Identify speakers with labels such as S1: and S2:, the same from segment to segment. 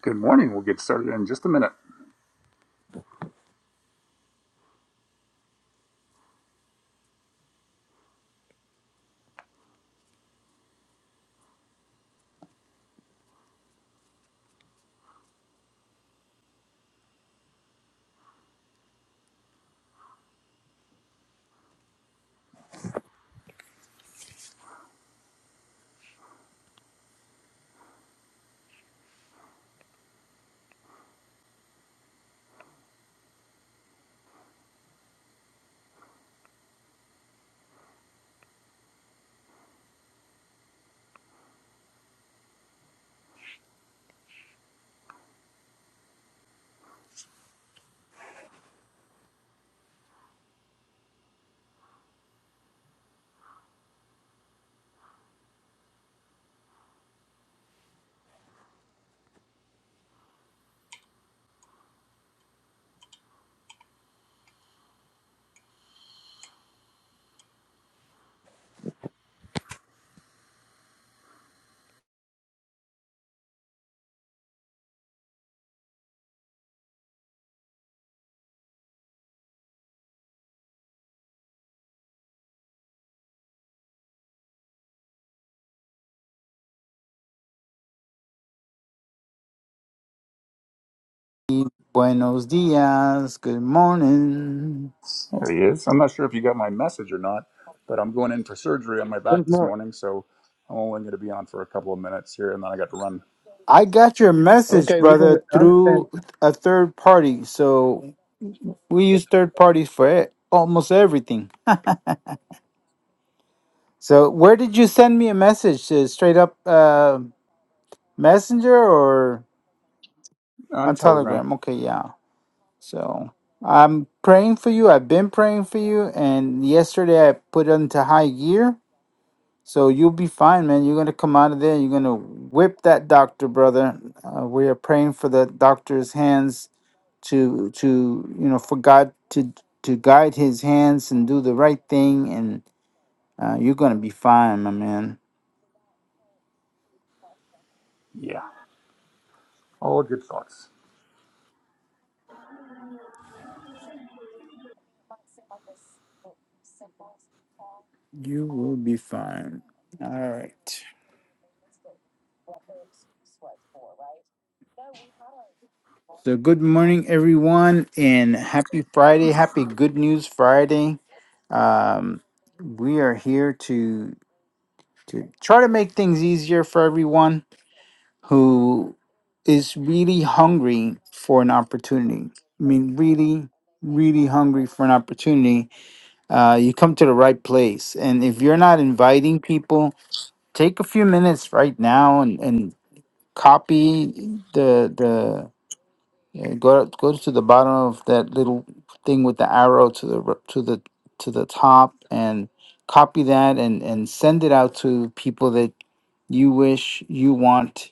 S1: Good morning. We'll get started in just a minute.
S2: Buenos dias. Good morning.
S1: There he is. I'm not sure if you got my message or not, but I'm going in for surgery on my
S3: There's
S1: back this
S3: more.
S1: morning, so I'm only going to be on for a couple of minutes here, and then I got to run
S2: I got your message,
S3: Okay, we can
S2: brother,
S3: I understand.
S2: through a third party. So we use third parties for it almost everything. So where did you send me a message? Uh, straight up uh, Messenger or
S1: on
S2: on
S1: Telegram.
S2: Telegram? Okay, yeah. So I'm praying for you. I've been praying for you. And yesterday I put it into high gear. So you'll be fine, man. You're gonna come out of there. You're gonna whip that doctor, brother. Uh, we are praying for the doctor's hands to to you know for God to to guide his hands and do the right thing, and uh, you're gonna be fine, my man.
S1: Yeah, all good thoughts.
S2: You will be fine. All right. So good morning, everyone, and happy Friday. Happy Good News Friday. Um, we are here to to try to make things easier for everyone who is really hungry for an opportunity. I mean, really, really hungry for an opportunity. Uh, you come to the right place. And if you're not inviting people, take a few minutes right now and, and copy the the yeah, go go to the bottom of that little thing with the arrow to the r- to the to the top and copy that and and send it out to people that you wish you want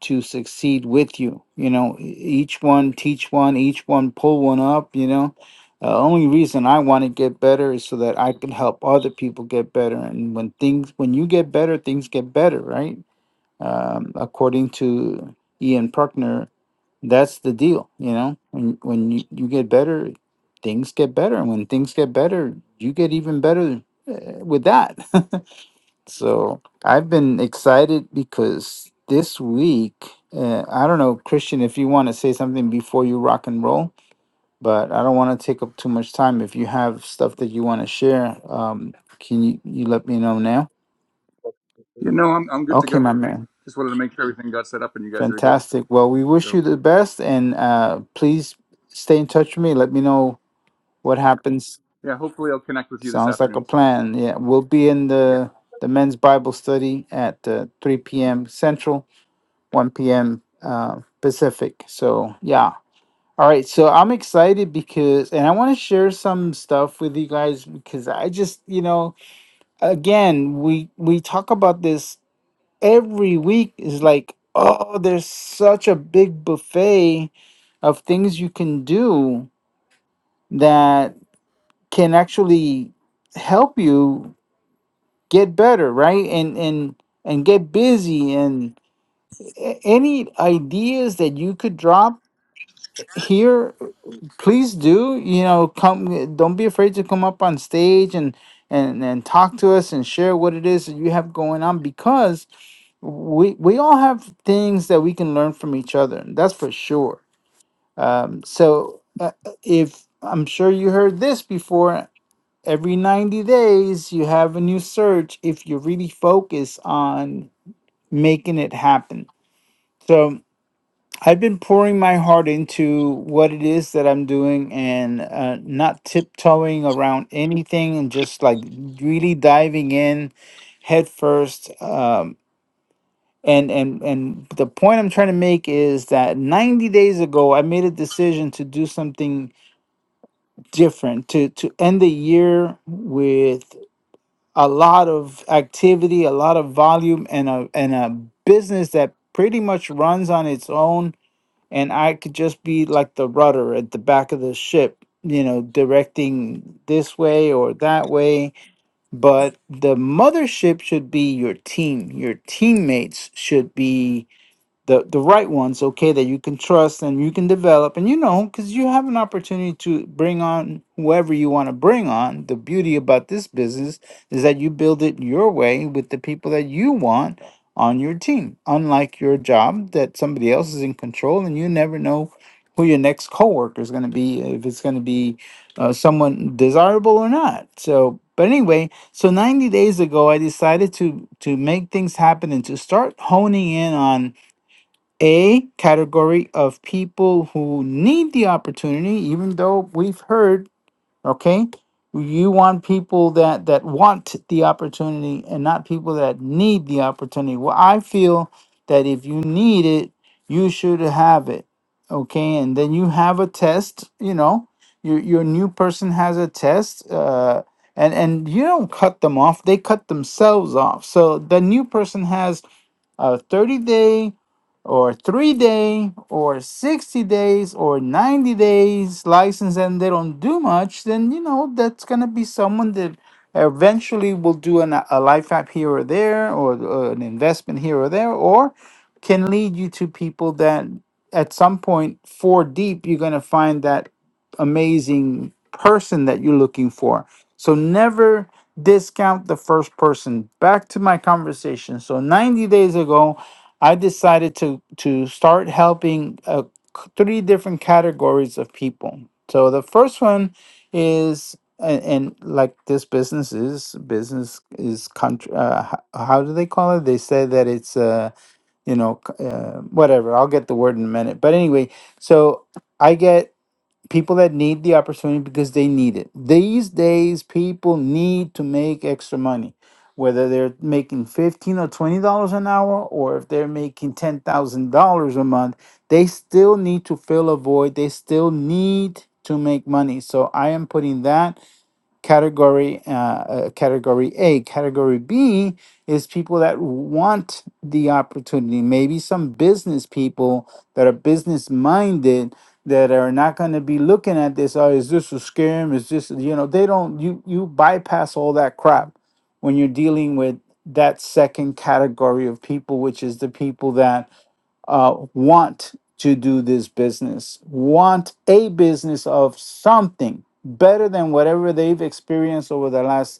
S2: to succeed with you. You know, e- each one teach one, each one pull one up. You know, uh, only reason I want to get better is so that I can help other people get better. And when things when you get better, things get better, right? um, according to Ian Bruckner, that's the deal. You know, when when you, you get better, things get better, and when things get better, you get even better uh, with that. so I've been excited because this week, uh, I don't know, Christian, if you want to say something before you rock and roll, but I don't want to take up too much time. If you have stuff that you want to share, um, can you, you let me know now?
S1: You know, I'm I'm good to
S2: Okay,
S1: go.
S2: my man.
S1: Just wanted to make sure everything got set up and you guys are good.
S2: Fantastic. Well, we wish
S1: So
S2: you the best, and uh, please stay in touch with me. Let me know what happens.
S1: yeah, hopefully I'll connect with you this
S2: Sounds like a
S1: afternoon.
S2: plan. Yeah, we'll be in
S1: Yeah.
S2: the the men's Bible study at uh, 3 p.m. Central, 1 p.m. Uh, Pacific. So yeah. All right. So I'm excited because, and I want to share some stuff with you guys because I just, you know, again, we we talk about this every week is like, oh, there's such a big buffet of things you can do that can actually help you get better, right? And and and get busy and a- any ideas that you could drop here please do you know come don't be afraid to come up on stage and and and talk to us and share what it is that you have going on because we we all have things that we can learn from each other that's for sure um so uh, uh, if i'm sure you heard this before every 90 days you have a new search if you really focus on making it happen so I've been pouring my heart into what it is that I'm doing and uh, not tiptoeing around anything and just like really diving in head first. Um, and, and, and the point I'm trying to make is that 90 days ago, I made a decision to do something different, to, to end the year with a lot of activity, a lot of volume, and a, and a business that pretty much runs on its own and I could just be like the rudder at the back of the ship, you know, directing this way or that way. But the mothership should be your team. Your teammates should be the the right ones okay that you can trust and you can develop and you know because you have an opportunity to bring on whoever you want to bring on the beauty about this business is that you build it your way with the people that you want on your team unlike your job that somebody else is in control and you never know who your next coworker is going to be if it's going to be uh, someone desirable or not so but anyway so 90 days ago i decided to to make things happen and to start honing in on a category of people who need the opportunity even though we've heard okay you want people that that want the opportunity and not people that need the opportunity well i feel that if you need it you should have it okay and then you have a test you know your your new person has a test uh and and you don't cut them off they cut themselves off so the new person has a 30 day or 3 day or 60 days or 90 days license and they don't do much then you know that's going to be someone that eventually will do an, a life app here or there or uh, an investment here or there or can lead you to people that at some point four deep you're going to find that amazing person that you're looking for so never discount the first person. Back to my conversation. So 90 days ago, I decided to to start helping uh, c- three different categories of people. So the first one is and, and like this business is business is country uh, h- how do they call it they say that it's uh you know c- uh, whatever i'll get the word in a minute but anyway so i get people that need the opportunity because they need it. These days, people need to make extra money, whether they're making fifteen or twenty dollars an hour, or if they're making ten thousand dollars a month, they still need to fill a void. They still need to make money. So I am putting that category uh, uh, category A. Category B is people that want the opportunity. Maybe some business people that are business minded that are not going to be looking at this. Oh, is this a scam? Is this you know? They don't. You you bypass all that crap when you're dealing with that second category of people, which is the people that uh, want to do this business, want a business of something better than whatever they've experienced over the last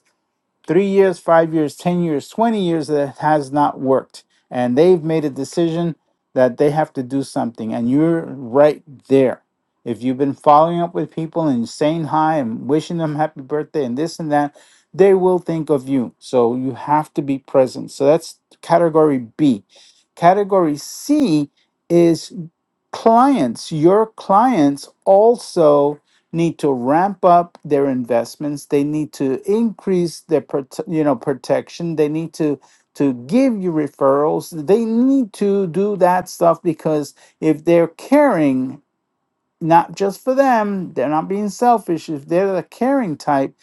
S2: three years, five years, 10 years, 20 years that has not worked. And they've made a decision that they have to do something. And you're right there. If you've been following up with people and saying hi and wishing them happy birthday and this and that, they will think of you. So you have to be present. So that's category B. Category C is clients, your clients also need to ramp up their investments. They need to increase their prote- you know protection. They need to to give you referrals. They need to do that stuff because if they're caring not just for them, they're not being selfish. If they're the caring type,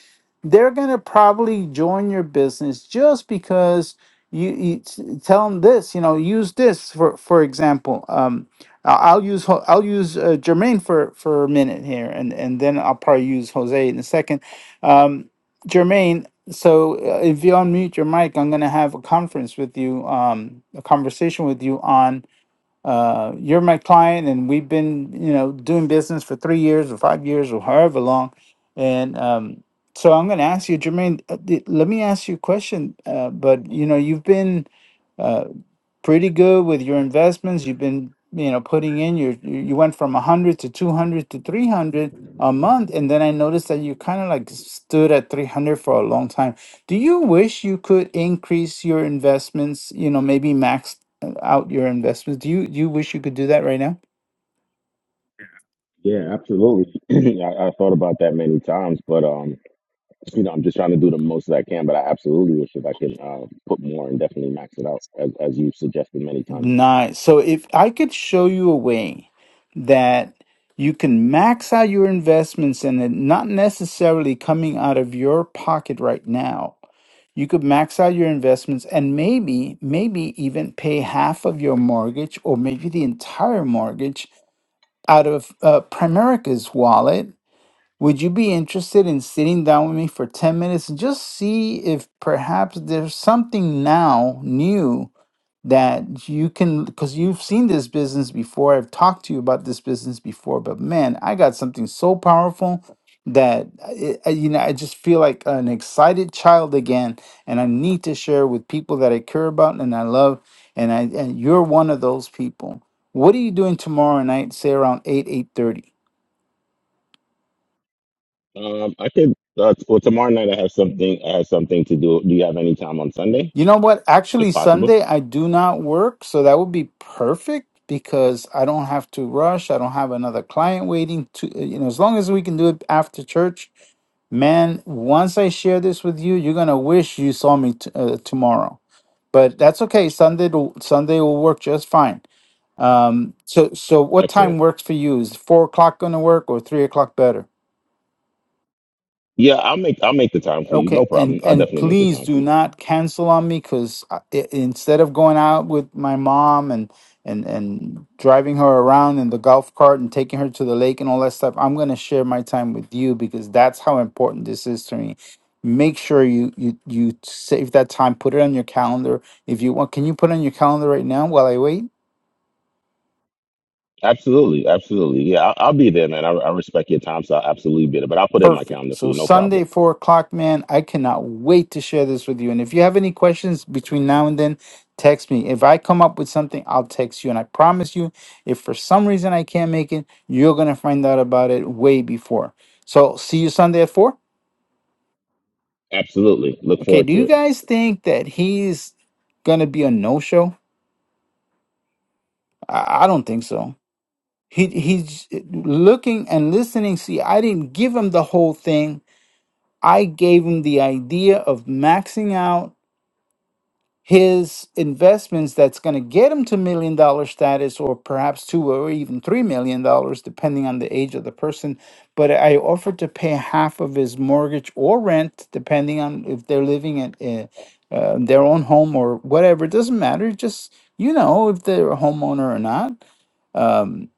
S2: they're going to probably join your business just because you, you t- tell them this, you know, use this for for example. Um I- I'll use Ho- I'll use uh, Jermaine for for a minute here and and then I'll probably use Jose in a second. Um Jermaine, so uh, if you unmute your mic, I'm going to have a conference with you, um a conversation with you on uh, you're my client and we've been you know doing business for three years or five years or however long and um, so i'm going to ask you jermaine uh, th- let me ask you a question uh, but you know you've been uh, pretty good with your investments. You've been, you know, putting in your you you went from 100 to 200 to 300 a month and then I noticed that you kind of like stood at 300 for a long time. Do you wish you could increase your investments, you know, maybe max uh, out your investments? Do you do you wish you could do that right now?
S4: Yeah, absolutely. I, I thought about that many times, but um, you know, I'm just trying to do the most that I can. But I absolutely wish that I can uh, put more and definitely max it out, as, as you've suggested many times.
S2: Nice. So if I could show you a way that you can max out your investments and it not necessarily coming out of your pocket right now You could max out your investments and maybe, maybe even pay half of your mortgage or maybe the entire mortgage out of uh, Primerica's wallet. Would you be interested in sitting down with me for 10 minutes and just see if perhaps there's something now new that you can because you've seen this business before i've talked to you about this business before but man i got something so powerful that I, I- you know i just feel like an excited child again and i need to share with people that i care about and i love and i and you're one of those people what are you doing tomorrow night say around 8 8:30?
S4: Um, I could. Uh, well, tomorrow night I have something. I have something to do. Do you have any time on Sunday,
S2: You know what?
S4: if
S2: Actually,
S4: possible?
S2: Sunday I do not work, so that would be perfect because I don't have to rush. I don't have another client waiting to, uh, you know, as long as we can do it after church. Man, once I share this with you, you're going to wish you saw me t- uh, tomorrow. But that's okay. Sunday to, Sunday will work just fine. Um, so so what
S4: Excellent.
S2: time works for you? Is four o'clock going to work or three o'clock better?
S4: Yeah, I'll make. I'll make the time for you. No
S2: Okay, and
S4: problem. I'll
S2: and
S4: definitely make the
S2: please
S4: time for
S2: do
S4: you.
S2: not cancel on me because instead of going out with my mom and and and driving her around in the golf cart and taking her to the lake and all that stuff, I'm gonna share my time with you because that's how important this is to me. Make sure you you you save that time, put it on your calendar if you want. Can you put it on your calendar right now while I wait?
S4: Absolutely, absolutely. Yeah, I'll, I'll be there, man. I, I respect your time, so I'll absolutely be there. But I'll put it in my
S2: Perfect.
S4: calendar for
S2: So
S4: you. No problem.
S2: Sunday, four o'clock, man. I cannot wait to share this with you. And if you have any questions between now and then, text me. If I come up with something, I'll text you. And I promise you, if for some reason I can't make it, you're gonna find out about it way before. So see you Sunday at four.
S4: Absolutely. Look
S2: Okay.
S4: forward
S2: Do
S4: to it.
S2: you guys think that he's gonna be a no-show? I, I don't think so. He he's looking and listening. See, I didn't give him the whole thing. I gave him the idea of maxing out his investments that's going to get him to million dollar status or perhaps two or even three million dollars depending on the age of the person but i offered to pay half of his mortgage or rent depending on if they're living at uh, uh, their own home or whatever it doesn't matter just you know if they're a homeowner or not Um,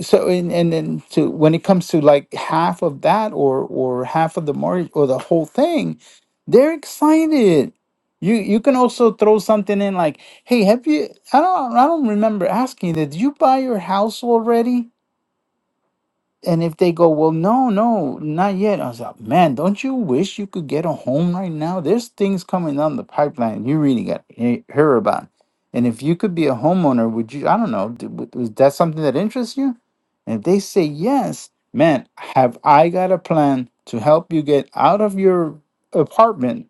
S2: so and and then to when it comes to like half of that or or half of the market or the whole thing they're excited you you can also throw something in like hey have you i don't i don't remember asking you that did you buy your house already and if they go, well, no, no, not yet. I was like, man, don't you wish you could get a home right now? There's things coming down the pipeline you really got to he- hear about. And if you could be a homeowner, would you? I don't know. d- w- Was that something that interests you? And if they say yes, man, have I got a plan to help you get out of your apartment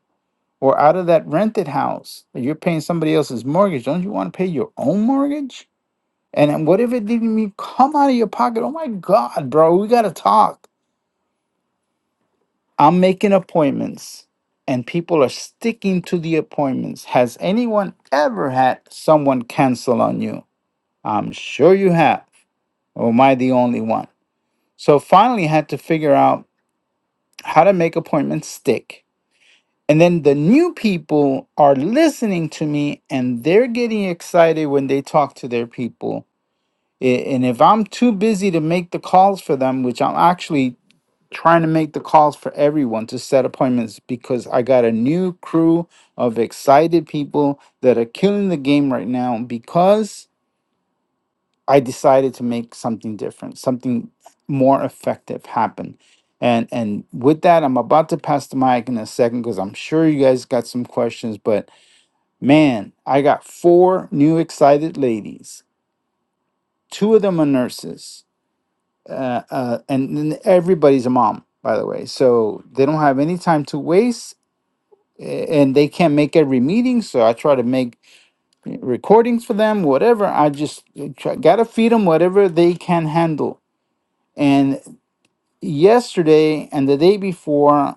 S2: or out of that rented house? You're paying somebody else's mortgage. Don't you want to pay your own mortgage? And what if it didn't even come out of your pocket? Oh my God, bro, we got to talk. I'm making appointments and people are sticking to the appointments. Has anyone ever had someone cancel on you? I'm sure you have. Or am I the only one? So finally, I had to figure out how to make appointments stick. And then the new people are listening to me and they're getting excited when they talk to their people. A- And if I'm too busy to make the calls for them, which I'm actually trying to make the calls for everyone to set appointments because I got a new crew of excited people that are killing the game right now because I decided to make something different, something more effective happen. And and with that, I'm about to pass the mic in a second because I'm sure you guys got some questions. But man, I got four new excited ladies. Two of them are nurses uh, uh, and, and everybody's a mom, by the way. So they don't have any time to waste a- and they can't make every meeting so i try to make recordings for them whatever i just uh, try, gotta feed them whatever they can handle and yesterday and the day before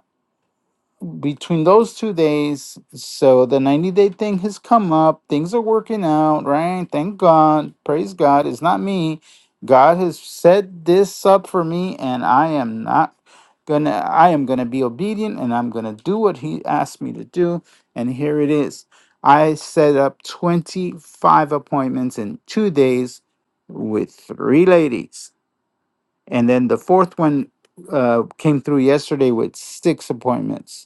S2: between those two days, so the 90 day thing has come up. Things are working out, right? Thank God. Praise God. It's not me. God has set this up for me, and I am not gonna, I am gonna be obedient and I'm gonna do what He asked me to do. And here it is. I set up 25 appointments in two days with three ladies. And then the fourth one uh, came through yesterday with six appointments.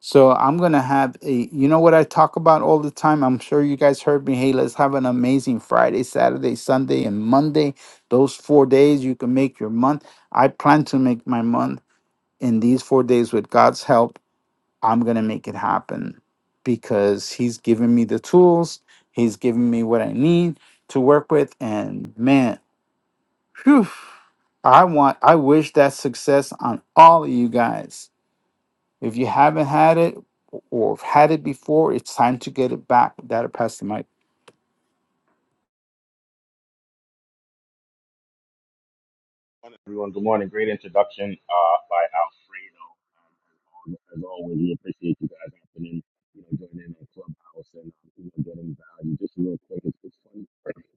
S2: So I'm gonna have a you know what I talk about all the time? I'm sure you guys heard me. Hey, let's have an amazing Friday, Saturday, Sunday, and Monday. Those four days you can make your month. I plan to make my month in these four days with God's help. I'm gonna make it happen because He's given me the tools, He's given me what I need to work with, and man, whew, I want I wish that success on all of you guys if you haven't had it or have had it before, it's time to get it back. That'll pass the mic.
S4: morning, everyone. Good morning. Great introduction uh, by Alfredo. Um, as, al- as always, we appreciate you guys hopping in, you know, joining our Clubhouse and um, you know, getting value. Just real quick, it's, it's funny.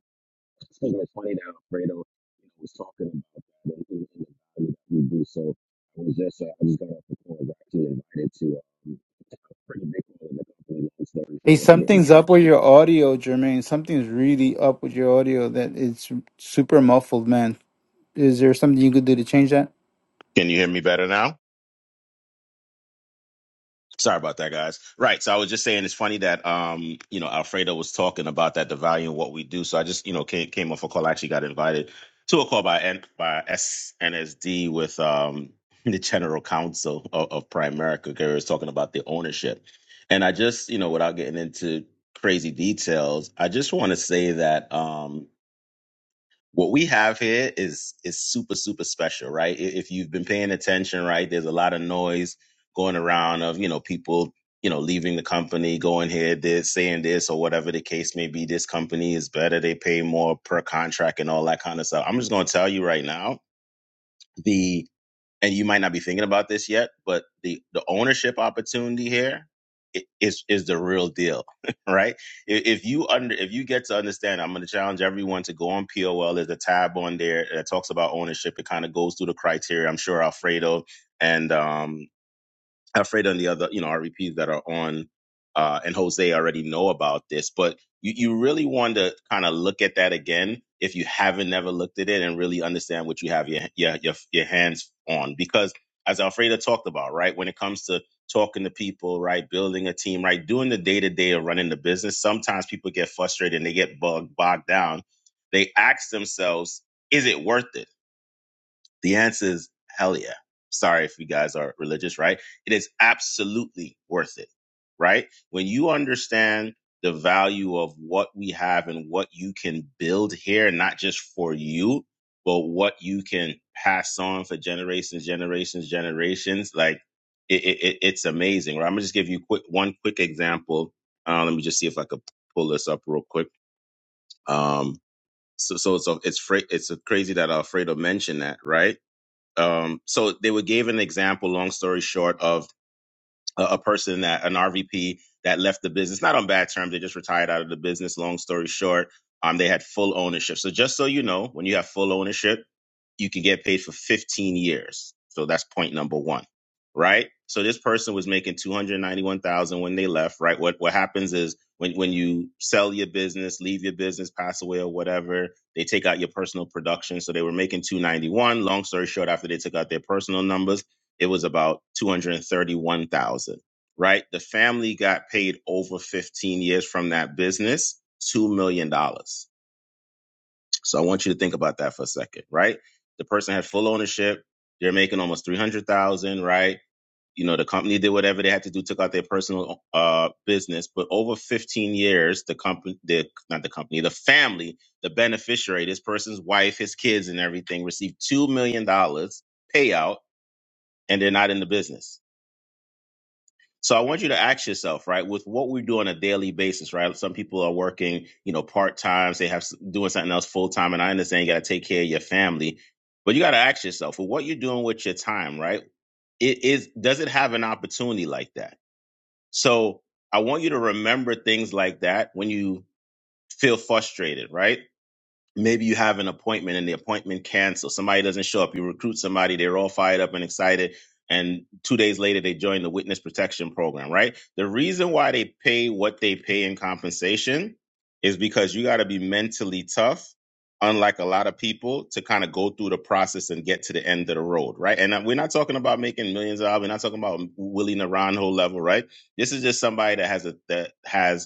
S4: Excuse me, it's funny that Alfredo you know, was talking about that and, and the value that we do. So I was just, uh, I just got off the call. I was actually invited to um, a pretty big one in the company. Long story
S2: Hey,
S4: short, what I
S2: something's
S4: get.
S2: up with your audio, Jermaine. Something's really up with your audio that it's super muffled, man. Is there something you could do to change that?
S4: Can you hear me better now? Sorry about that, guys. Right. So I was just saying it's funny that um, you know, Alfredo was talking about that the value and what we do. So I just, you know, came came off a call. I actually got invited to a call by N by SNSD with um the general counsel of, of Prime Gary was talking about the ownership. And I just, you know, without getting into crazy details, I just want to say that um what we have here is is super super special right I- if you've been paying attention right there's a lot of noise going around of you know people you know leaving the company going here this saying this or whatever the case may be this company is better they pay more per contract and all that kind of stuff i'm just going to tell you right now the and you might not be thinking about this yet, but the the ownership opportunity here i- is is the real deal, right? I- If you under if you get to understand, I'm going to challenge everyone to go on POL. There's a tab on there that talks about ownership. It kind of goes through the criteria. I'm sure Alfredo and um Alfredo and the other, you know, REPs that are on, uh, and Jose already know about this, but you, you really want to kind of look at that again if you haven't never looked at it and really understand what you have your, your, your, your hands on. Because as Alfredo talked about, right, when it comes to talking to people, right, building a team, right, doing the day to day of running the business, sometimes people get frustrated and they get bogged, bogged down. They ask themselves, is it worth it? The answer is hell yeah. Sorry if you guys are religious, right? It is absolutely worth it, right? When you understand the value of what we have and what you can build here, not just for you, but what you can pass on for generations, generations, generations, like it, it, it- it's amazing. Right? I'm gonna just give you quick one quick example. Uh, let me just see if I could pull this up real quick. Um, so so so it's fra- it's crazy that Alfredo mentioned that, right? Um, so they were gave an example, long story short, of a, a person that an RVP that left the business, not on bad terms. They just retired out of the business. Long story short, um, they had full ownership. So just so you know, when you have full ownership, you can get paid for 15 years. So that's point number one, right? So this person was making 291,000 when they left, right? What what happens is when when you sell your business, leave your business, pass away or whatever, they take out your personal production. So they were making 291. Long story short, after they took out their personal numbers it was about 231,000, right? The family got paid over 15 years from that business, $2 million. dollars. So I want you to think about that for a second, right? The person had full ownership. They're making almost 300,000, right? You know, the company did whatever they had to do, took out their personal uh, business, but over 15 years, the company, the, not the company, the family, the beneficiary, this person's wife, his kids and everything received $2 million dollars payout and they're not in the business So I want you to ask yourself, right, with what we do on a daily basis, right? Some people are working, you know, part time, they have doing something else full time, and I understand you got to take care of your family, but you got to ask yourself, well, what you're doing with your time, right? It is does it have an opportunity like that? So I want you to remember things like that when you feel frustrated, right? maybe you have an appointment and the appointment canceled. Somebody doesn't show up. You recruit somebody, they're all fired up and excited. And two days later, they join the witness protection program, right? The reason why they pay what they pay in compensation is because you got to be mentally tough, unlike a lot of people, to kind of go through the process and get to the end of the road, right? And uh, we're not talking about making millions of dollars. We're not talking about Willie Naranjo level, right? This is just somebody that has a that has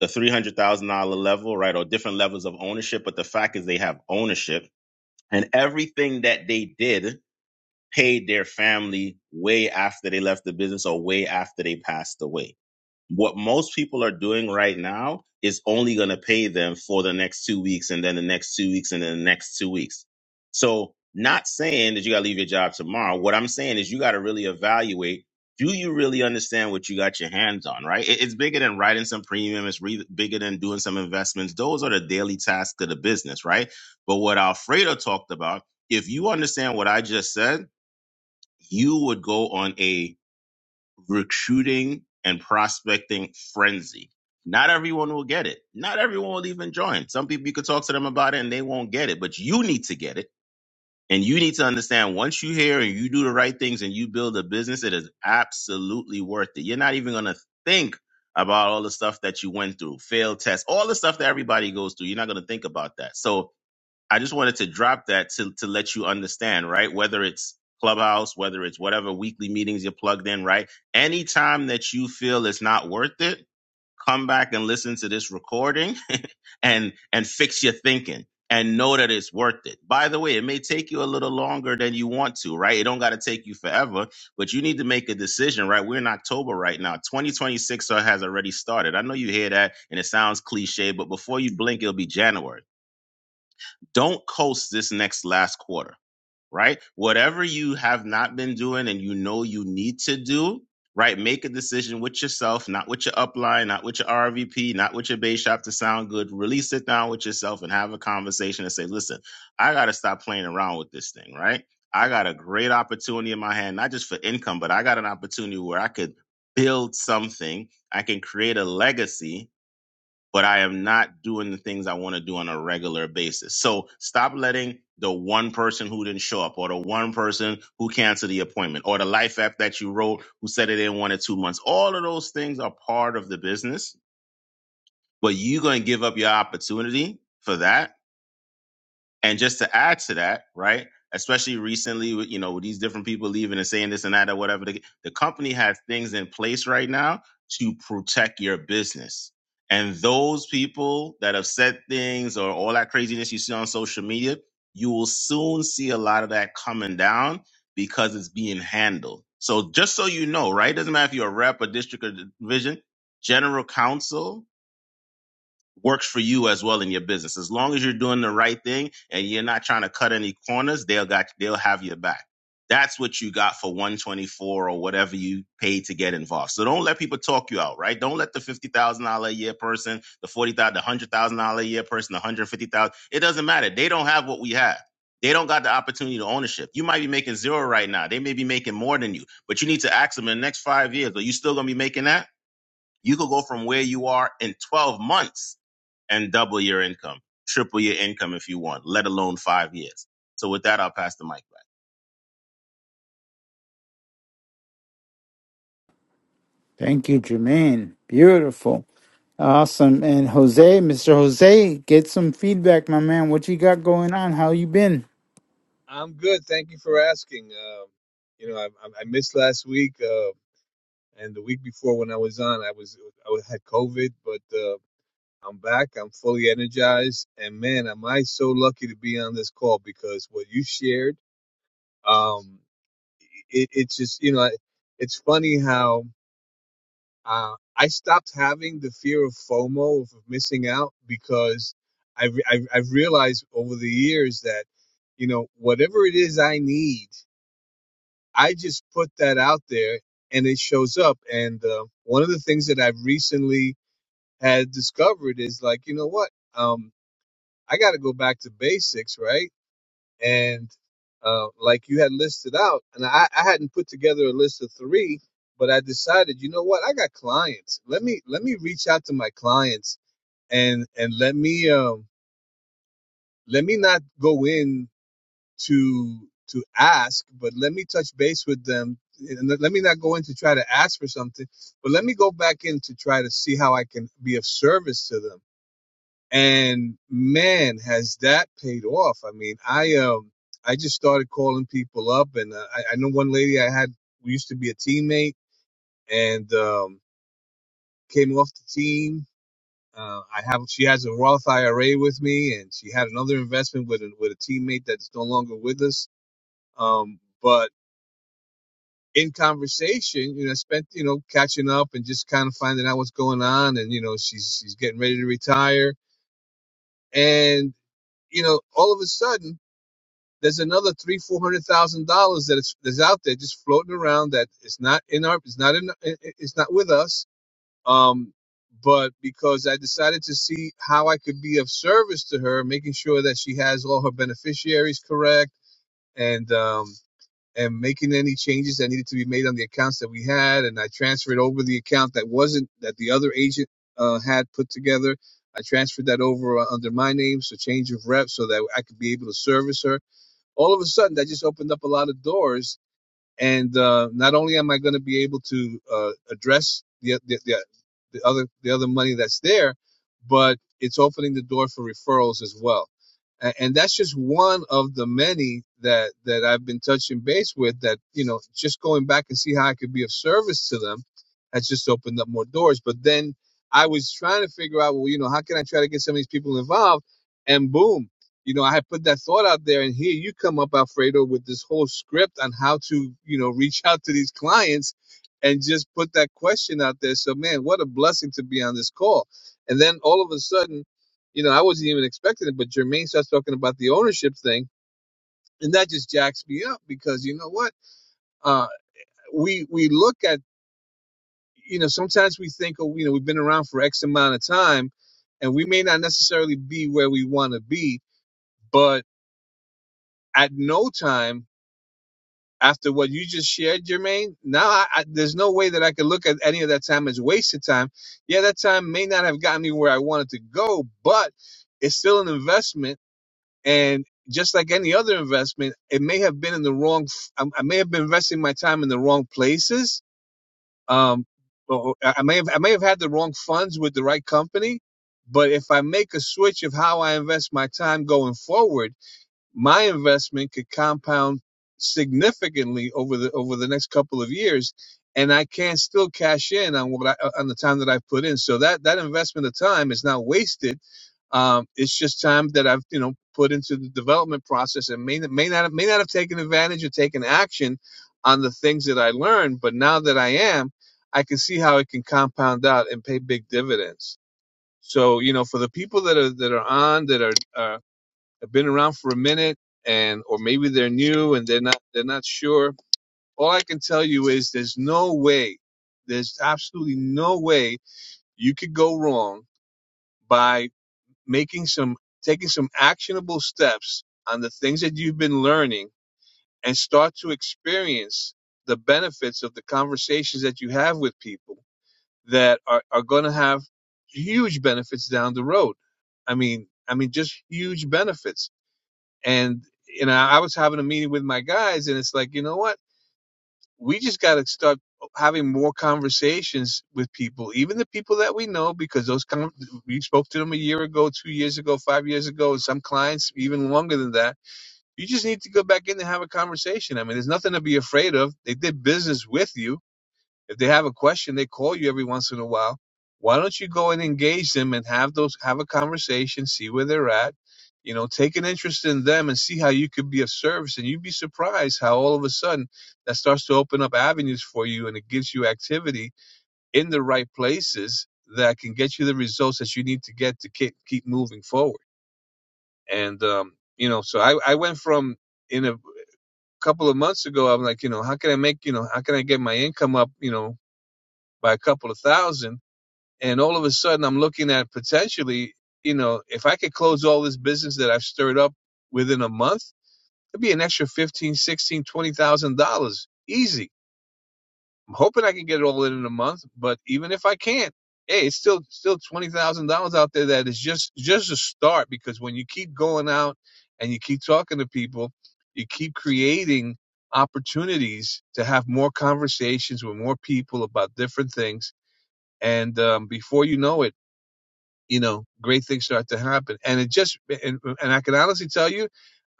S4: the $300,000 level, right, or different levels of ownership. But the fact is, they have ownership, and everything that they did paid their family way after they left the business or way after they passed away what most people are doing right now is only going to pay them for the next two weeks and then the next two weeks and then the next two weeks. So, not saying that you got to leave your job tomorrow. What I'm saying is you got to really evaluate do you really understand what you got your hands on, right? It- It's bigger than writing some premium, it's re- bigger than doing some investments. Those are the daily tasks of the business, right? But what Alfredo talked about, if you understand what I just said, you would go on a recruiting and prospecting frenzy. Not everyone will get it. Not everyone will even join. Some people you could talk to them about it and they won't get it, but you need to get it. And you need to understand once you hear and you do the right things and you build a business, it is absolutely worth it. You're not even going to think about all the stuff that you went through, failed tests, all the stuff that everybody goes through. You're not going to think about that. So I just wanted to drop that to, to let you understand, right? Whether it's Clubhouse, whether it's whatever weekly meetings you're plugged in, right? Anytime that you feel it's not worth it, come back and listen to this recording and and fix your thinking and know that it's worth it. By the way, it may take you a little longer than you want to, right? It don't got to take you forever, but you need to make a decision, right? We're in October right now. 2026 has already started. I know you hear that and it sounds cliche, but before you blink, it'll be January don't coast this next last quarter, right? Whatever you have not been doing and you know you need to do, right? Make a decision with yourself, not with your upline, not with your RVP, not with your base shop to sound good. Really sit down with yourself and have a conversation and say, listen, I got to stop playing around with this thing, right? I got a great opportunity in my hand, not just for income, but I got an opportunity where I could build something. I can create a legacy but I am not doing the things I want to do on a regular basis. So stop letting the one person who didn't show up or the one person who canceled the appointment or the life app that you wrote who said it in one or two months. All of those things are part of the business, but you're going to give up your opportunity for that and just to add to that, right? Especially recently, with you know, with these different people leaving and saying this and that or whatever, the, the company has things in place right now to protect your business. And those people that have said things or all that craziness you see on social media, you will soon see a lot of that coming down because it's being handled. So just so you know, right? Doesn't matter if you're a rep, a district, or division, general counsel works for you as well in your business. As long as you're doing the right thing and you're not trying to cut any corners, they'll got they'll have your back. That's what you got for 124 or whatever you paid to get involved. So don't let people talk you out, right? Don't let the $50,000 a year person, the 40,000, the $100,000 a year person, the 150,000. It doesn't matter. They don't have what we have. They don't got the opportunity to ownership. You might be making zero right now. They may be making more than you, but you need to ask them in the next five years, are you still going to be making that? You could go from where you are in 12 months and double your income, triple your income if you want, let alone five years. So with that, I'll pass the mic back.
S2: Thank you, Jermaine. Beautiful. Awesome. And Jose, Mr. Jose, get some feedback, my man. What you got going on? How you been?
S5: I'm good. Thank you for asking. Um, you know, I, I I missed last week uh, and the week before when I was on. I was I was- had COVID, but uh, I'm back. I'm fully energized, and man, am I so lucky to be on this call because what you shared, um, it, it's just you know, I- it's funny how uh, I stopped having the fear of FOMO of missing out because I, I I've I've realized over the years that you know whatever it is I need. I just put that out there and it shows up. And uh, one of the things that I've recently had discovered is like, you know what? Um, I got to go back to basics, right? And uh, like you had listed out, and I, I hadn't put together a list of three, but I decided, you know what? I got clients. Let me let me reach out to my clients and and let me um, let me not go in. to to ask but let me touch base with them and let let me not go in to try to ask for something but let me go back in to try to see how i can be of service to them and man has that paid off i mean i um i just started calling people up and uh, I, I know one lady i had who used to be a teammate and um came off the team uh, I have. She has a Roth IRA with me, and she had another investment with a, with a teammate that's no longer with us. Um, but in conversation, you know, I spent, you know, catching up and just kind of finding out what's going on. And, you know, she's, she's getting ready to retire. And, you know, all of a sudden there's another three, $400,000 that is, that's out there just floating around that it's not in our, it's not in, it- it's not with us. Um, but because I decided to see how I could be of service to her, making sure that she has all her beneficiaries correct. And, um, and making any changes that needed to be made on the accounts that we had. And I transferred over the account that wasn't that the other agent uh, had put together. I transferred that over uh, under my name, so change of rep, so that I could be able to service her. All of a sudden, that just opened up a lot of doors and uh, not only am I going to be able to uh, address the, the the the other the other money that's there, but it's opening the door for referrals as well, and, and that's just one of the many that that I've been touching base with. That you know, just going back and see how I could be of service to them, has just opened up more doors. But then I was trying to figure out, well, you know, how can I try to get some of these people involved? And boom you know, I had put that thought out there, and here you come up, Alfredo, with this whole script on how to, you know, reach out to these clients and just put that question out there. So, man, what a blessing to be on this call. And then all of a sudden, you know, I wasn't even expecting it, but Jermaine starts talking about the ownership thing, and that just jacks me up because you know what? Uh, we we look at, you know, sometimes we think, oh, you know, we've been around for X amount of time, and we may not necessarily be where we want to be, but at no time after what you just shared, Jermaine, now I, I, there's no way that I could look at any of that time as wasted time. Yeah, that time may not have gotten me where I wanted to go, but it's still an investment. And just like any other investment, it may have been in the wrong, I, I may have been investing my time in the wrong places. Um, or I may have, I may have had the wrong funds with the right company. But if I make a switch of how I invest my time going forward, my investment could compound significantly over the over the next couple of years and I can still cash in on what I, uh, on the time that I've put in. So that that investment of time is not wasted. Um, it's just time that I've you know put into the development process and may may not may not have taken advantage or taken action on the things that I learned. But now that I am, I can see how it can compound out and pay big dividends. So you know, for the people that are that are on that are are have been around for a minute and or maybe they're new and they're not they're not sure all i can tell you is there's no way there's absolutely no way you could go wrong by making some taking some actionable steps on the things that you've been learning and start to experience the benefits of the conversations that you have with people that are, are going to have huge benefits down the road i mean i mean just huge benefits and you know i was having a meeting with my guys and it's like you know what we just got to start having more conversations with people even the people that we know because those con- we spoke to them a year ago two years ago five years ago and some clients even longer than that you just need to go back in and have a conversation i mean there's nothing to be afraid of they did business with you if they have a question, they call you every once in a while. Why don't you go and engage them and have those have a conversation, see where they're at, you know, take an interest in them and see how you could be of service and you'd be surprised how all of a sudden that starts to open up avenues for you and it gives you activity in the right places that can get you the results that you need to get to keep, keep moving forward. And um, you know, so I, I went from in a couple of months ago, I'm like, you know, how can I make, you know, how can I get my income up, you know, by a couple of thousand? and all of a sudden I'm looking at potentially, you know, if I could close all this business that I've stirred up within a month, it'd be an extra fifteen, sixteen, twenty thousand dollars, easy. I'm hoping I can get it all in in a month, but even if I can't, hey, it's still still twenty thousand dollars out there that is just just a start because when you keep going out and you keep talking to people, you keep creating opportunities to have more conversations with more people about different things, and um, before you know it you know, great things start to happen. And it just, and, and I can honestly tell you,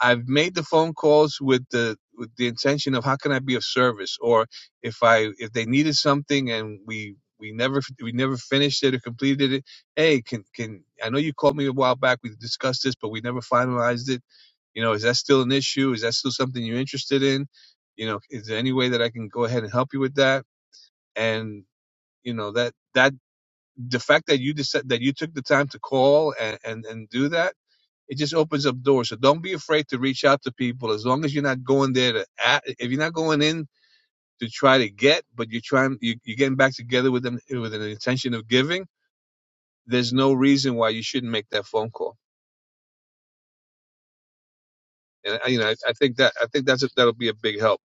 S5: I've made the phone calls with the with the intention of how can I be of service, or if I if they needed something and we we never we never finished it or completed it. Hey, can can I know you called me a while back? We discussed this, but we never finalized it. You know, is that still an issue? Is that still something you're interested in? You know, is there any way that I can go ahead and help you with that? And you know that that the fact that you decided that you took the time to call and, and and do that it just opens up doors so don't be afraid to reach out to people as long as you're not going there to at, if you're not going in to try to get but you're trying you, you're getting back together with them with an intention of giving there's no reason why you shouldn't make that phone call and you know i, I think that i think that's a, that'll be a big help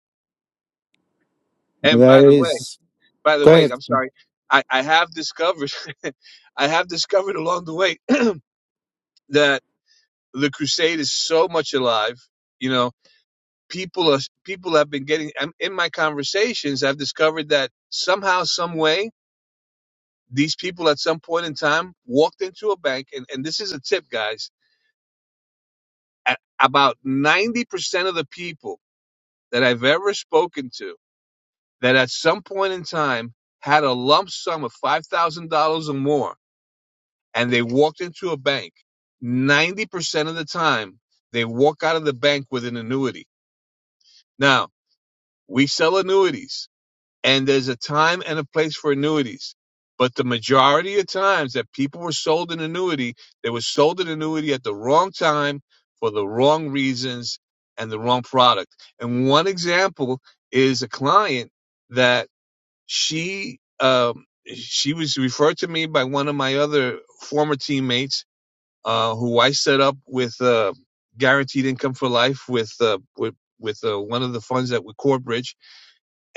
S2: Well,
S5: and by
S2: that
S5: the way
S2: is.
S5: by the
S2: Go
S5: way
S2: ahead.
S5: i'm sorry i, I have discovered i have discovered along the way that the crusade is so much alive you know people are people have been getting I'm- in my conversations i've discovered that somehow some way these people at some point in time walked into a bank and, and this is a tip guys at about 90% of the people that i've ever spoken to that at some point in time had a lump sum of $5000 or more and they walked into a bank 90% of the time they walk out of the bank with an annuity now we sell annuities and there's a time and a place for annuities. But the majority of times that people were sold an annuity, they were sold an annuity at the wrong time for the wrong reasons and the wrong product. And one example is a client that she um, she was referred to me by one of my other former teammates, uh, who I set up with uh, guaranteed income for life with uh, with with uh, one of the funds that we CoreBridge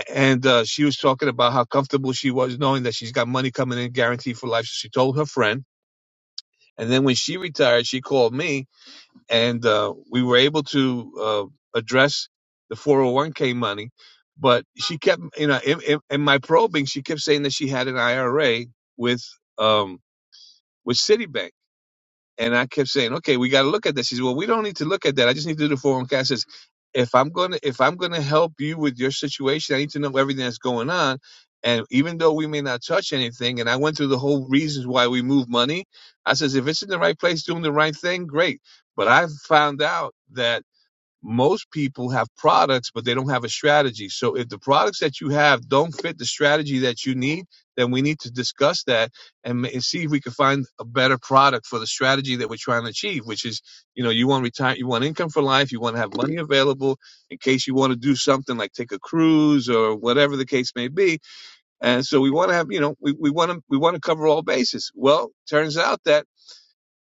S5: and uh, she was talking about how comfortable she was knowing that she's got money coming in guaranteed for life. So she told her friend, and then when she retired, she called me, and uh, we were able to uh, address the 401k money. But she kept, you know, in, in, in my probing, she kept saying that she had an IRA with um, with Citibank and I kept saying, okay, we got to look at this. He said, well, we don't need to look at that. I just need to do the 401k. I says, if I'm going to, if I'm going to help you with your situation, I need to know everything that's going on. And even though we may not touch anything, and I went through the whole reasons why we move money, I says, if it's in the right place, doing the right thing, great. But I found out that most people have products, but they don't have a strategy. So if the products that you have don't fit the strategy that you need, then we need to discuss that and, and see if we can find a better product for the strategy that we're trying to achieve, which is, you know, you want retire, you want income for life, you want to have money available in case you want to do something like take a cruise or whatever the case may be. And so we want to have, you know, we, we want to, we want to cover all bases. Well, turns out that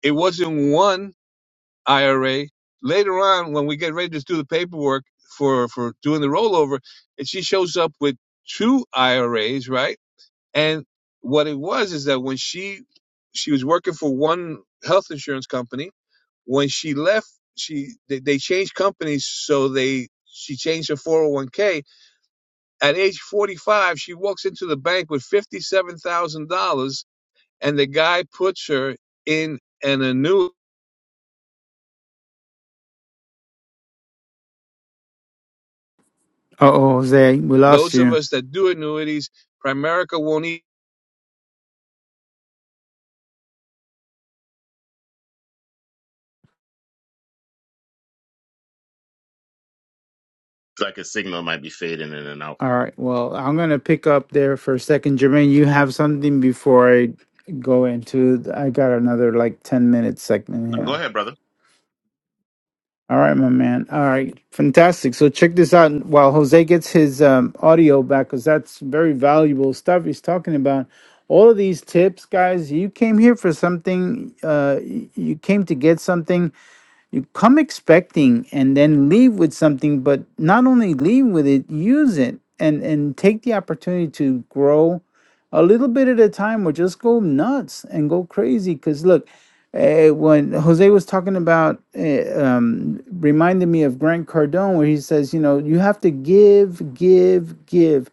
S5: it wasn't one IRA. Later on, when we get ready to do the paperwork for for doing the rollover, and she shows up with two IRAs, right? And what it was is that when she she was working for one health insurance company, when she left, she they, they changed companies, so they she changed her 401k. At age 45, she walks into the bank with fifty-seven thousand dollars, and the guy puts her in an annuity
S2: Uh oh, Jose, we lost
S5: Those of
S2: you.
S5: us that do annuities, Primerica won't eat.
S4: It's like a signal might be fading in and out.
S2: All right. Well, I'm gonna pick up there for a second, Jermaine. You have something before I go into. th- I got another like ten minute segment
S4: No, go
S2: here.
S4: ahead, brother.
S2: All right, my man. All right, fantastic. So check this out while Jose gets his um, audio back, because that's very valuable stuff he's talking about. All of these tips, guys. You came here for something. Uh, y- you came to get something you come expecting and then leave with something, but not only leave with it, use it and and take the opportunity to grow a little bit at a time or just go nuts and go crazy. Cause look, eh, when Jose was talking about, eh, um, reminded me of Grant Cardone, where he says, you know, you have to give, give, give,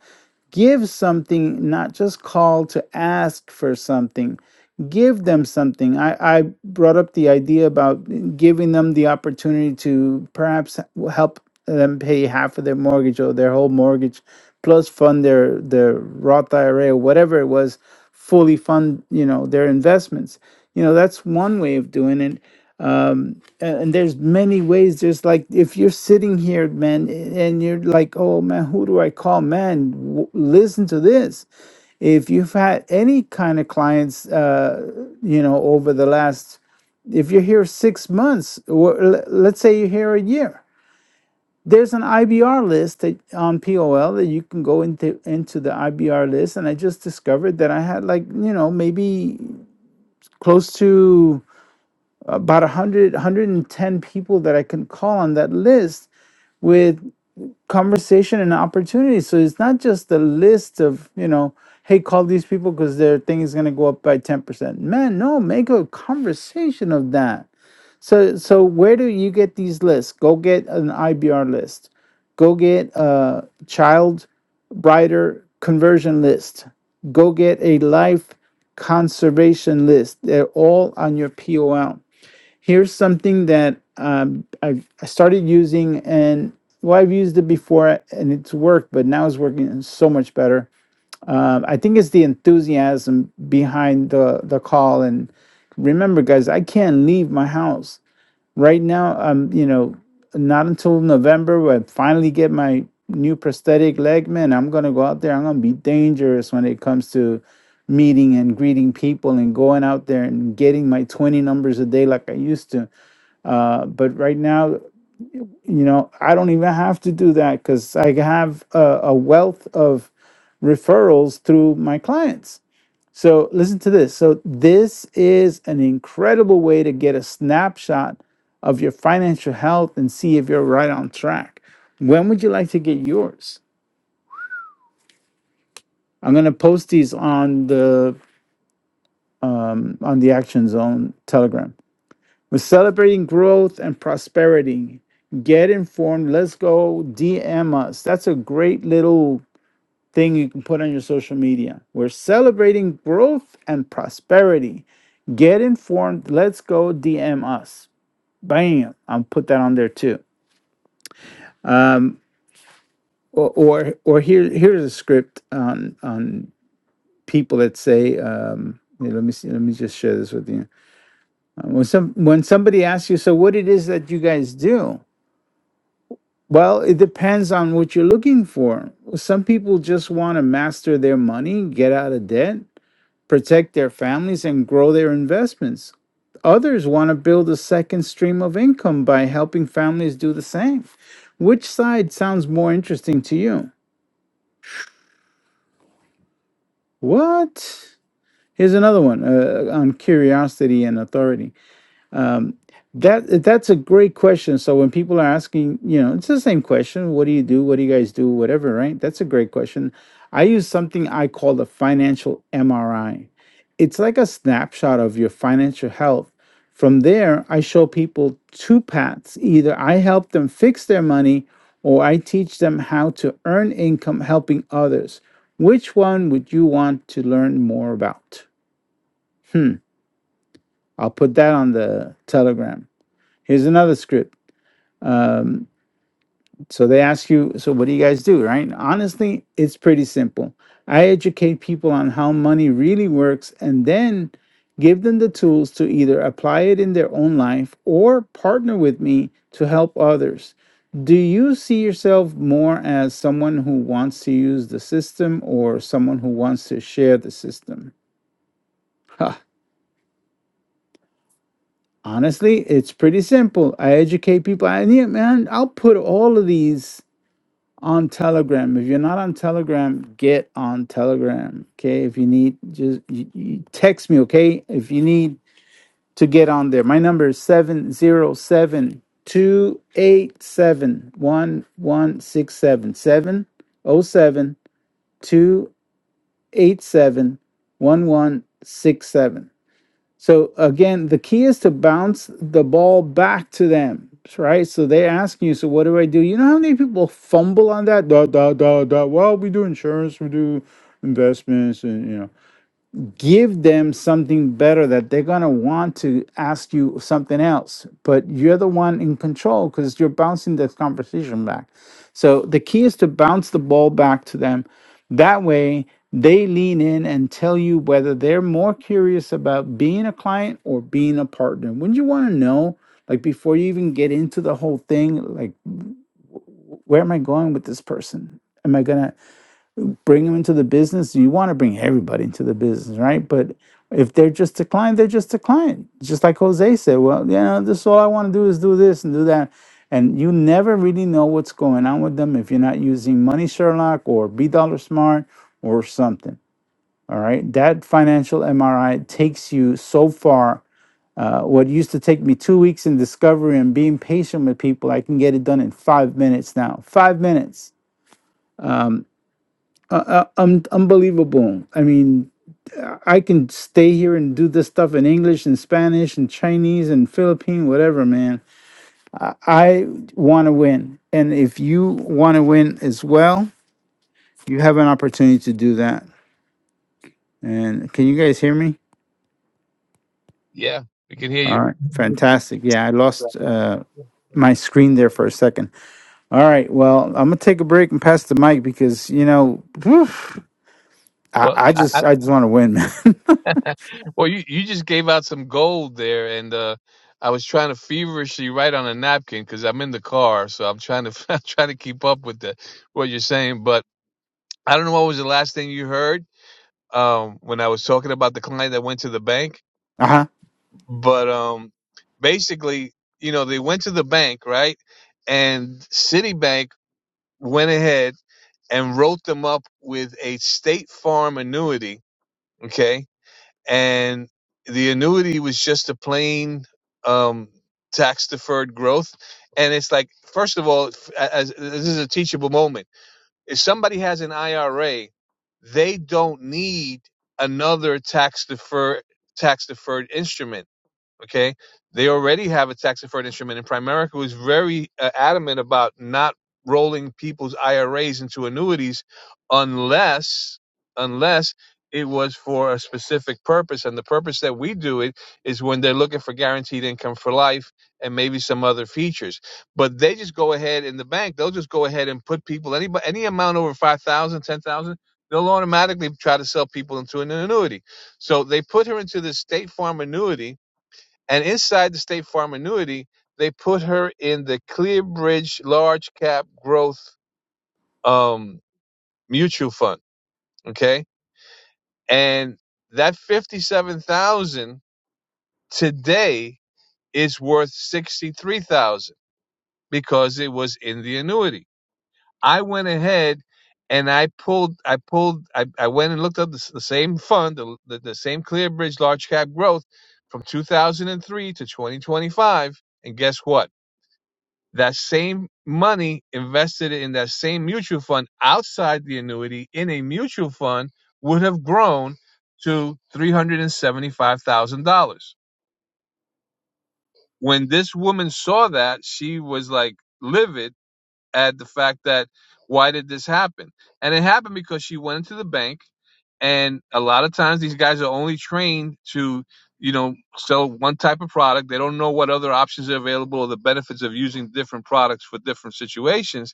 S2: give something, not just call to ask for something give them something. I, I brought up the idea about giving them the opportunity to perhaps help them pay half of their mortgage or their whole mortgage, plus fund their their Roth IRA or whatever it was, fully fund you know their investments. You know that's one way of doing it. Um, and, and there's many ways. There's like if you're sitting here, man, and you're like, oh man, who do I call? Man, w- listen to this if you've had any kind of clients uh you know over the last if you're here six months or l- let's say you're here a year there's an ibr list that, on pol that you can go into into the ibr list and i just discovered that i had like you know maybe close to about 100 110 people that i can call on that list with conversation and opportunity. So it's not just a list of, you know, hey, call these people because their thing is going to go up by 10%. Man, no, make a conversation of that. So, so where do you get these lists? Go get an IBR list. Go get a child brighter conversion list. Go get a life conservation list. They're all on your POL here's something that um, I, I started using and well i've used it before and it's worked but now it's working so much better um, i think it's the enthusiasm behind the, the call and remember guys i can't leave my house right now um, you know not until november when i finally get my new prosthetic leg man i'm gonna go out there i'm gonna be dangerous when it comes to meeting and greeting people and going out there and getting my 20 numbers a day like i used to uh, but right now, you know, I don't even have to do that because I have a, a wealth of referrals through my clients. So listen to this. So this is an incredible way to get a snapshot of your financial health and see if you're right on track. When would you like to get yours? I'm going to post these on the um, on the Action Zone Telegram. We're celebrating growth and prosperity. Get informed. Let's go DM us. That's a great little thing you can put on your social media. We're celebrating growth and prosperity. Get informed. Let's go DM us. Bam. I'll put that on there too. Or or, or here here's a script on on people that say um here, let me see, let me just share this with you. Uh, When some when somebody asks you, so what it is that you guys do? Well, it depends on what you're looking for. Some people just want to master their money, get out of debt, protect their families, and grow their investments. Others want to build a second stream of income by helping families do the same. Which side sounds more interesting to you? What? Here's another one uh, on curiosity and authority. Um, that that's a great question. So when people are asking, you know, it's the same question. What do you do? What do you guys do? Whatever, right? That's a great question. I use something I call the financial MRI. It's like a snapshot of your financial health. From there, I show people two paths. Either I help them fix their money or I teach them how to earn income helping others. Which one would you want to learn more about? Hmm. I'll put that on the Telegram. Here's another script. Um, so they ask you, so what do you guys do, right? Honestly, it's pretty simple. I educate people on how money really works and then give them the tools to either apply it in their own life or partner with me to help others. Do you see yourself more as someone who wants to use the system or someone who wants to share the system? Huh. Honestly, it's pretty simple. I educate people. I need, man, I'll put all of these on Telegram. If you're not on Telegram, get on Telegram. Okay. If you need, just you, you text me. Okay. If you need to get on there, my number is seven zero seven two eight seven one one six seven seven o seven two eight seven one one six seven. So again, the key is to bounce the ball back to them, right? So they're asking you, so what do I do? You know how many people fumble on that? Da da da da. Well, we do insurance, we do investments, and you know give them something better that they're going to want to ask you something else but you're the one in control because you're bouncing this conversation back so the key is to bounce the ball back to them that way they lean in and tell you whether they're more curious about being a client or being a partner wouldn't you want to know like before you even get into the whole thing like where am i going with this person am i going to bring them into the business. You want to bring everybody into the business, right? But if they're just a client, they're just a client. Just like Jose said, well, you know, this all I want to do is do this and do that. And you never really know what's going on with them if you're not using Money Sherlock or B Dollar Smart or something. All right. That financial MRI takes you so far. Uh, what used to take me two weeks in discovery and being patient with people, I can get it done in five minutes now. Five minutes. Um, uh, uh, um, unbelievable. I mean, I can stay here and do this stuff in English and Spanish and Chinese and Philippine, whatever, man. I, I want to win. And if you want to win as well, you have an opportunity to do that. And can you guys hear me?
S5: Yeah, we can hear
S2: All
S5: you.
S2: right. Fantastic. Yeah, I lost uh, my screen there for a second. All right. Well, I'm going to take a break and pass the mic because, you know, whew, I,
S5: Well,
S2: I
S5: I, I,
S2: just I just want to win, man.
S5: well, you, you just gave out some gold there, and uh, I was trying to feverishly write on a napkin because I'm in the car, so I'm trying to I'm trying to keep up with the what you're saying. But I don't know what was the last thing you heard um, when I was talking about the client that went to the bank,
S2: Uh-huh.
S5: but um, basically, you know, they went to the bank, right? And Citibank went ahead and wrote them up with a state farm annuity. Okay. And the annuity was just a plain um, tax deferred growth. And it's like, first of all, f- as, this is a teachable moment. If somebody has an IRA, they don't need another tax deferred tax deferred instrument Okay, they already have a tax deferred instrument, and Primerica was very uh, adamant about not rolling people's IRAs into annuities unless unless it was for a specific purpose and the purpose that we do it is when they're looking for guaranteed income for life and maybe some other features but they just go ahead in the bank they'll just go ahead and put people any any amount over 5000 10000 they'll automatically try to sell people into an annuity so they put her into this state farm annuity and inside the State Farm annuity, they put her in the Clearbridge Large Cap Growth um, Mutual Fund. Okay, and that fifty-seven thousand today is worth sixty-three thousand because it was in the annuity. I went ahead and I pulled, I pulled, I, I went and looked up the, the same fund, the, the, the same Clearbridge Large Cap Growth from 2003 to 2025, and guess what? that same money invested in that same mutual fund outside the annuity in a mutual fund would have grown to $375,000. When this woman saw that, she was like livid at the fact that why did this happen? And it happened because she went into the bank and a lot of times these guys are only trained to you know sell one type of product they don't know what other options are available or the benefits of using different products for different situations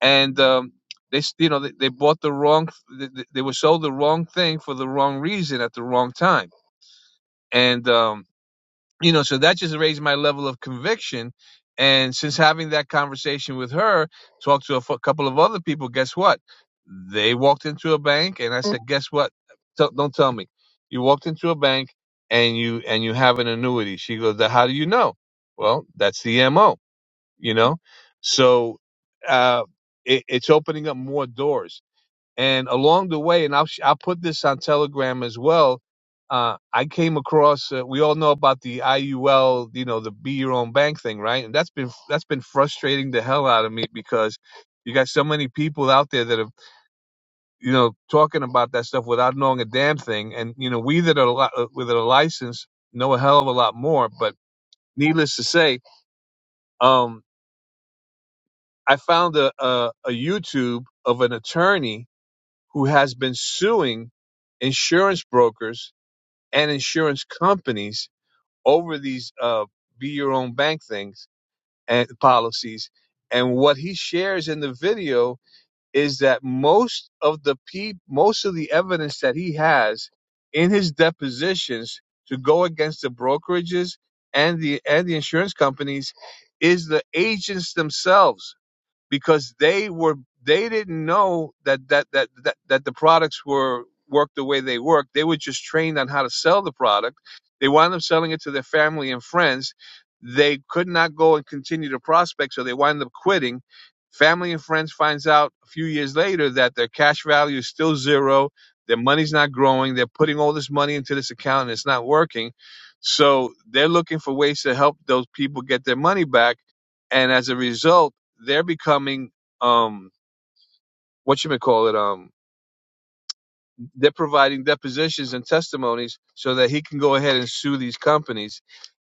S5: and um, they you know they, they bought the wrong they, they were sold the wrong thing for the wrong reason at the wrong time and um, you know so that just raised my level of conviction and since having that conversation with her talked to a f- couple of other people guess what they walked into a bank and i said guess what Tell don't tell me you walked into a bank and you and you have an annuity she goes how do you know well that's the mo you know so uh it, it's opening up more doors and along the way and i'll sh- i'll put this on telegram as well uh i came across uh, we all know about the iul you know the be your own bank thing right and that's been that's been frustrating the hell out of me because you got so many people out there that have you know talking about that stuff without knowing a damn thing and you know we that are li- uh, with a license know a hell of a lot more but needless to say um, I found a, a, a YouTube of an attorney who has been suing insurance brokers and insurance companies over these uh, be your own bank things and policies. And what he shares in the video is that most of the pe- most of the evidence that he has in his depositions to go against the brokerages and the and the insurance companies is the agents themselves because they were they didn't know that that that that, that the products were worked the way they worked. They were just trained on how to sell the product. They wound up selling it to their family and friends. They could not go and continue to prospect, so they wind up quitting. Family and friends finds out a few years later that their cash value is still zero. Their money's not growing. They're putting all this money into this account and it's not working. So they're looking for ways to help those people get their money back. And as a result, they're becoming um what you may call it um they're providing depositions and testimonies so that he can go ahead and sue these companies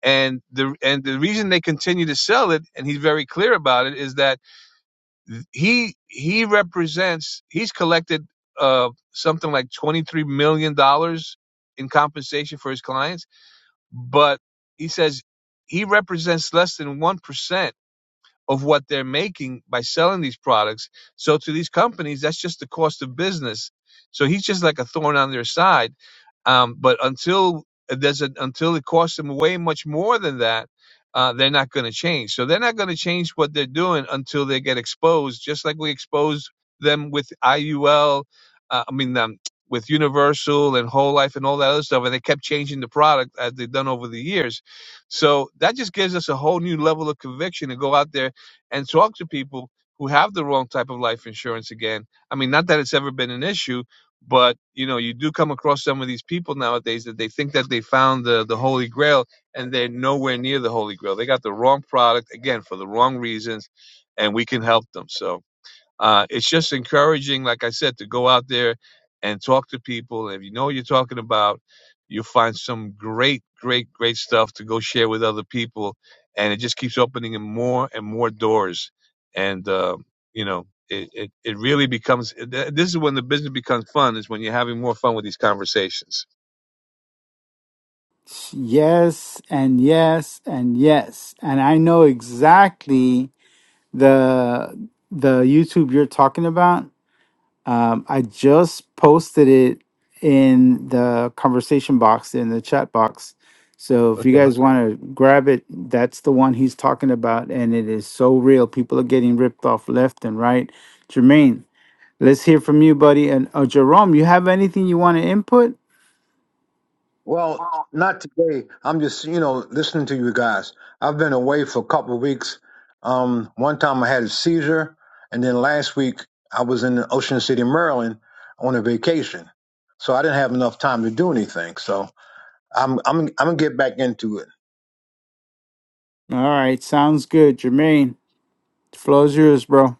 S5: and the and the reason they continue to sell it and he's very clear about it is that he he represents he's collected uh something like 23 million dollars in compensation for his clients but he says he represents less than 1% of what they're making by selling these products. So to these companies, that's just the cost of business. So he's just like a thorn on their side. Um, but until uh, there's a, until it costs them way much more than that, uh, they're not going to change. So they're not going to change what they're doing until they get exposed, just like we exposed them with IUL. Uh, I mean, um, with Universal and Whole Life and all that other stuff, and they kept changing the product as they've done over the years. So that just gives us a whole new level of conviction to go out there and talk to people who have the wrong type of life insurance again. I mean, not that it's ever been an issue, but you know, you do come across some of these people nowadays that they think that they found the, the holy grail and they're nowhere near the holy grail. They got the wrong product again for the wrong reasons and we can help them. So, uh, it's just encouraging, like I said, to go out there and talk to people. If you know what you're talking about, you'll find some great, great, great stuff to go share with other people. And it just keeps opening more and more doors. And, uh, you know, it, it, it really becomes th- this is when the business becomes fun, is when you're having more fun with these conversations.
S2: yes and yes and yes and i know exactly the the youtube you're talking about Um, I just posted it in the conversation box in the chat box. So if you guys want to grab it, that's the one he's talking about, and it is so real. People are getting ripped off left and right. Jermaine, let's hear from you, buddy. And uh, Jerome, you have anything you want to input?
S3: Well, not today. I'm just, you know, listening to you guys. I've been away for a couple of weeks. Um, one time I had a seizure, and then last week I was in Ocean City, Maryland, on a vacation. So I didn't have enough time to do anything. So I'm I'm I'm gonna get back into it.
S2: All right, sounds good. Jermaine, the floor's yours, bro. All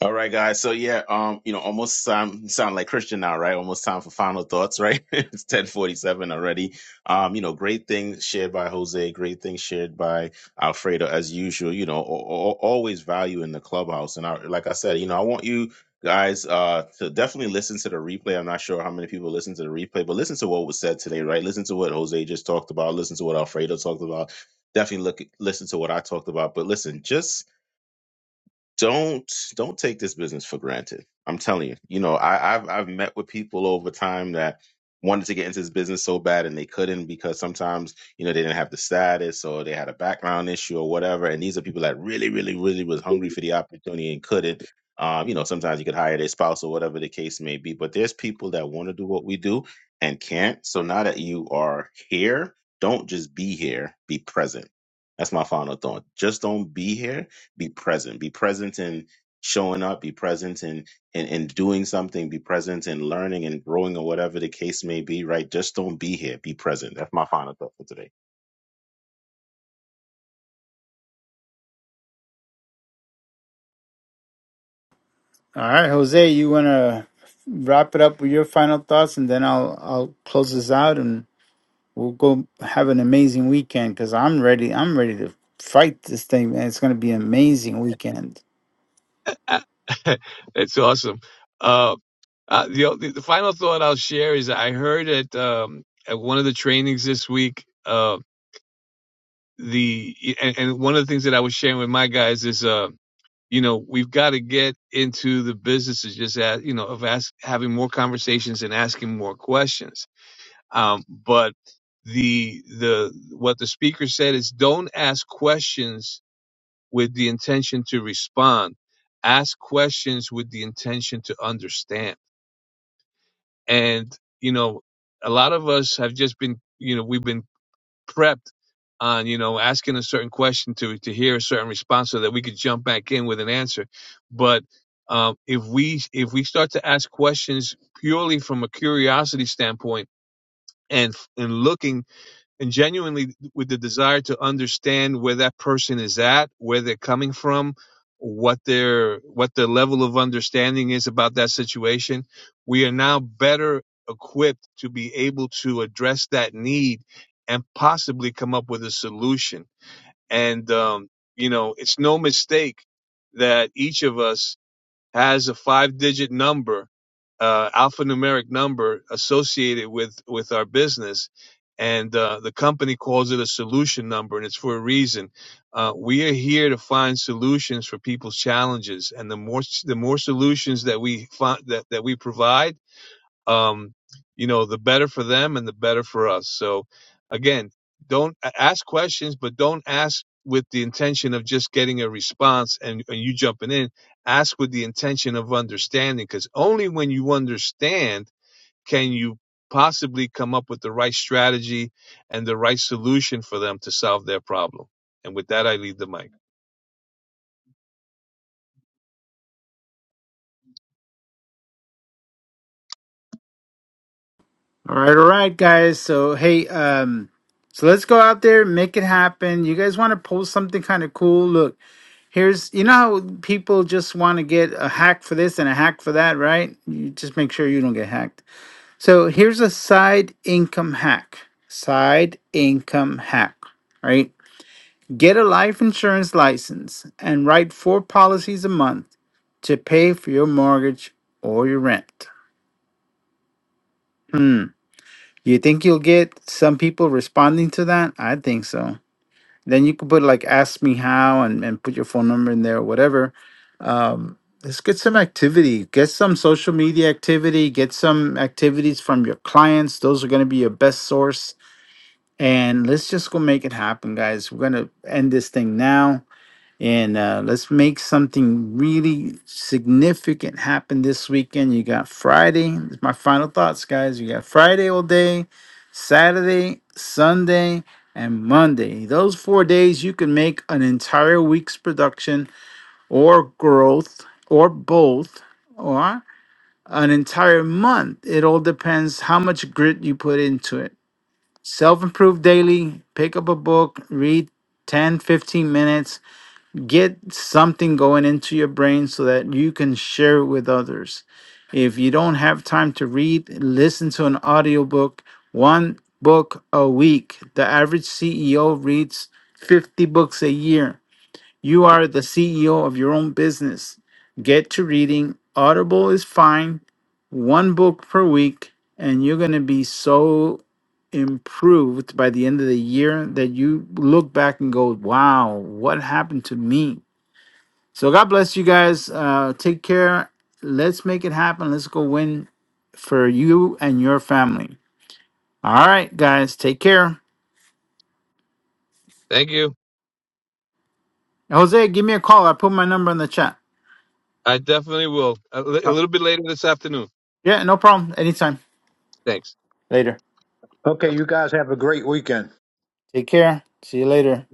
S4: All right, guys. So yeah, um, you know, almost um, sound like Christian now, right? Almost time for final thoughts, right? it's ten forty-seven already. Um, you know, great things shared by Jose, great things shared by Alfredo, as usual. You know, al- al- always value in the clubhouse, and I, like I said, you know, I want you guys uh to definitely listen to the replay. I'm not sure how many people listen to the replay, but listen to what was said today, right? Listen to what Jose just talked about. Listen to what Alfredo talked about. Definitely look listen to what I talked about. But listen, just don't don't take this business for granted. I'm telling you, you know, I, I've I've met with people over time that wanted to get into this business so bad and they couldn't because sometimes you know they didn't have the status or they had a background issue or whatever. And these are people that really, really, really was hungry for the opportunity and couldn't. Um, you know, sometimes you could hire their spouse or whatever the case may be. But there's people that want to do what we do and can't. So now that you are here, don't just be here. Be present. That's my final thought. Just don't be here be present be present in showing up be present in in, in doing something be present in learning and growing or whatever the case may be right just don't be here be present that's my final thought for today
S2: right, Jose, you want to wrap it up with your final thoughts, and then I'll I'll close this out, and. We'll go have an amazing weekend because I'm ready. I'm ready to fight this thing, man. It's gonna be an amazing weekend.
S5: Okay. it's awesome. Uh, uh, the, the the final thought I'll share is I heard at um, at one of the trainings this week. uh, the and, and one of the things that I was sharing with my guys is uh you know we've got to get into the business of just as, you know of ask, having more conversations and asking more questions um but the the what the speaker said is don't ask questions with the intention to respond ask questions with the intention to understand and you know a lot of us have just been you know we've been prepped on you know asking a certain question to to hear a certain response so that we could jump back in with an answer but um, if we if we start to ask questions purely from a curiosity standpoint and and looking and genuinely with the desire to understand where that person is at, where they're coming from, what their what their level of understanding is about that situation, we are now better equipped to be able to address that need and possibly come up with a solution. And um, you know, it's no mistake that each of us has a five digit number, uh, alphanumeric number associated with, with our business. And uh, the company calls it a solution number, and it's for a reason. Uh, we are here to find solutions for people's challenges, and the more the more solutions that we find, that that we provide um, you know, the better for them and the better for us. So again, don't ask questions, but don't ask with the intention of just getting a response and, and you jumping in. Ask with the intention of understanding because only when you understand can you possibly come up with the right strategy and the right solution for them to solve their problem. And with that, I leave the mic.
S2: All right, all right, guys. So hey, um, so let's go out there, make it happen. You guys want to post something kind of cool? Look, here's you know how people just want to get a hack for this and a hack for that, right? You just make sure you don't get hacked. So here's a side income hack. Side income hack. Right? Get a life insurance license and write four policies a month to pay for your mortgage or your rent. Hmm. You think you'll get some people responding to that? I think so. Then you could put like ask me how and, and put your phone number in there or whatever. Um, let's get some activity. Get some social media activity. Get some activities from your clients. Those are going to be your best source. And let's just go make it happen, guys. We're going to end this thing now. And uh, let's make something really significant happen this weekend. You got Friday. This is my final thoughts, guys. You got Friday all day, Saturday, Sunday, and Monday. Those four days, you can make an entire week's production or growth or both or an entire month. It all depends how much grit you put into it. Self improve daily, pick up a book, read 10, 15 minutes get something going into your brain so that you can share it with others. If you don't have time to read, listen to an audiobook, one book a week. The average CEO reads 50 books a year. You are the CEO of your own business. Get to reading. Audible is fine, one book per week, and you're going to be so improved by the end of the year that you look back and go, wow, what happened to me? So God bless you guys. Uh, take care. Let's make it happen. Let's go win for you and your family. All right, guys. Take care.
S5: Thank you.
S2: Jose, give me a call. I put my number in the chat.
S5: I definitely will. A, li- a
S2: Uh,
S5: little bit later this afternoon.
S2: yeah, no problem. Anytime.
S5: Thanks.
S2: Later.
S5: Bye.
S3: Okay, you guys have a great weekend.
S2: Take care. See you later.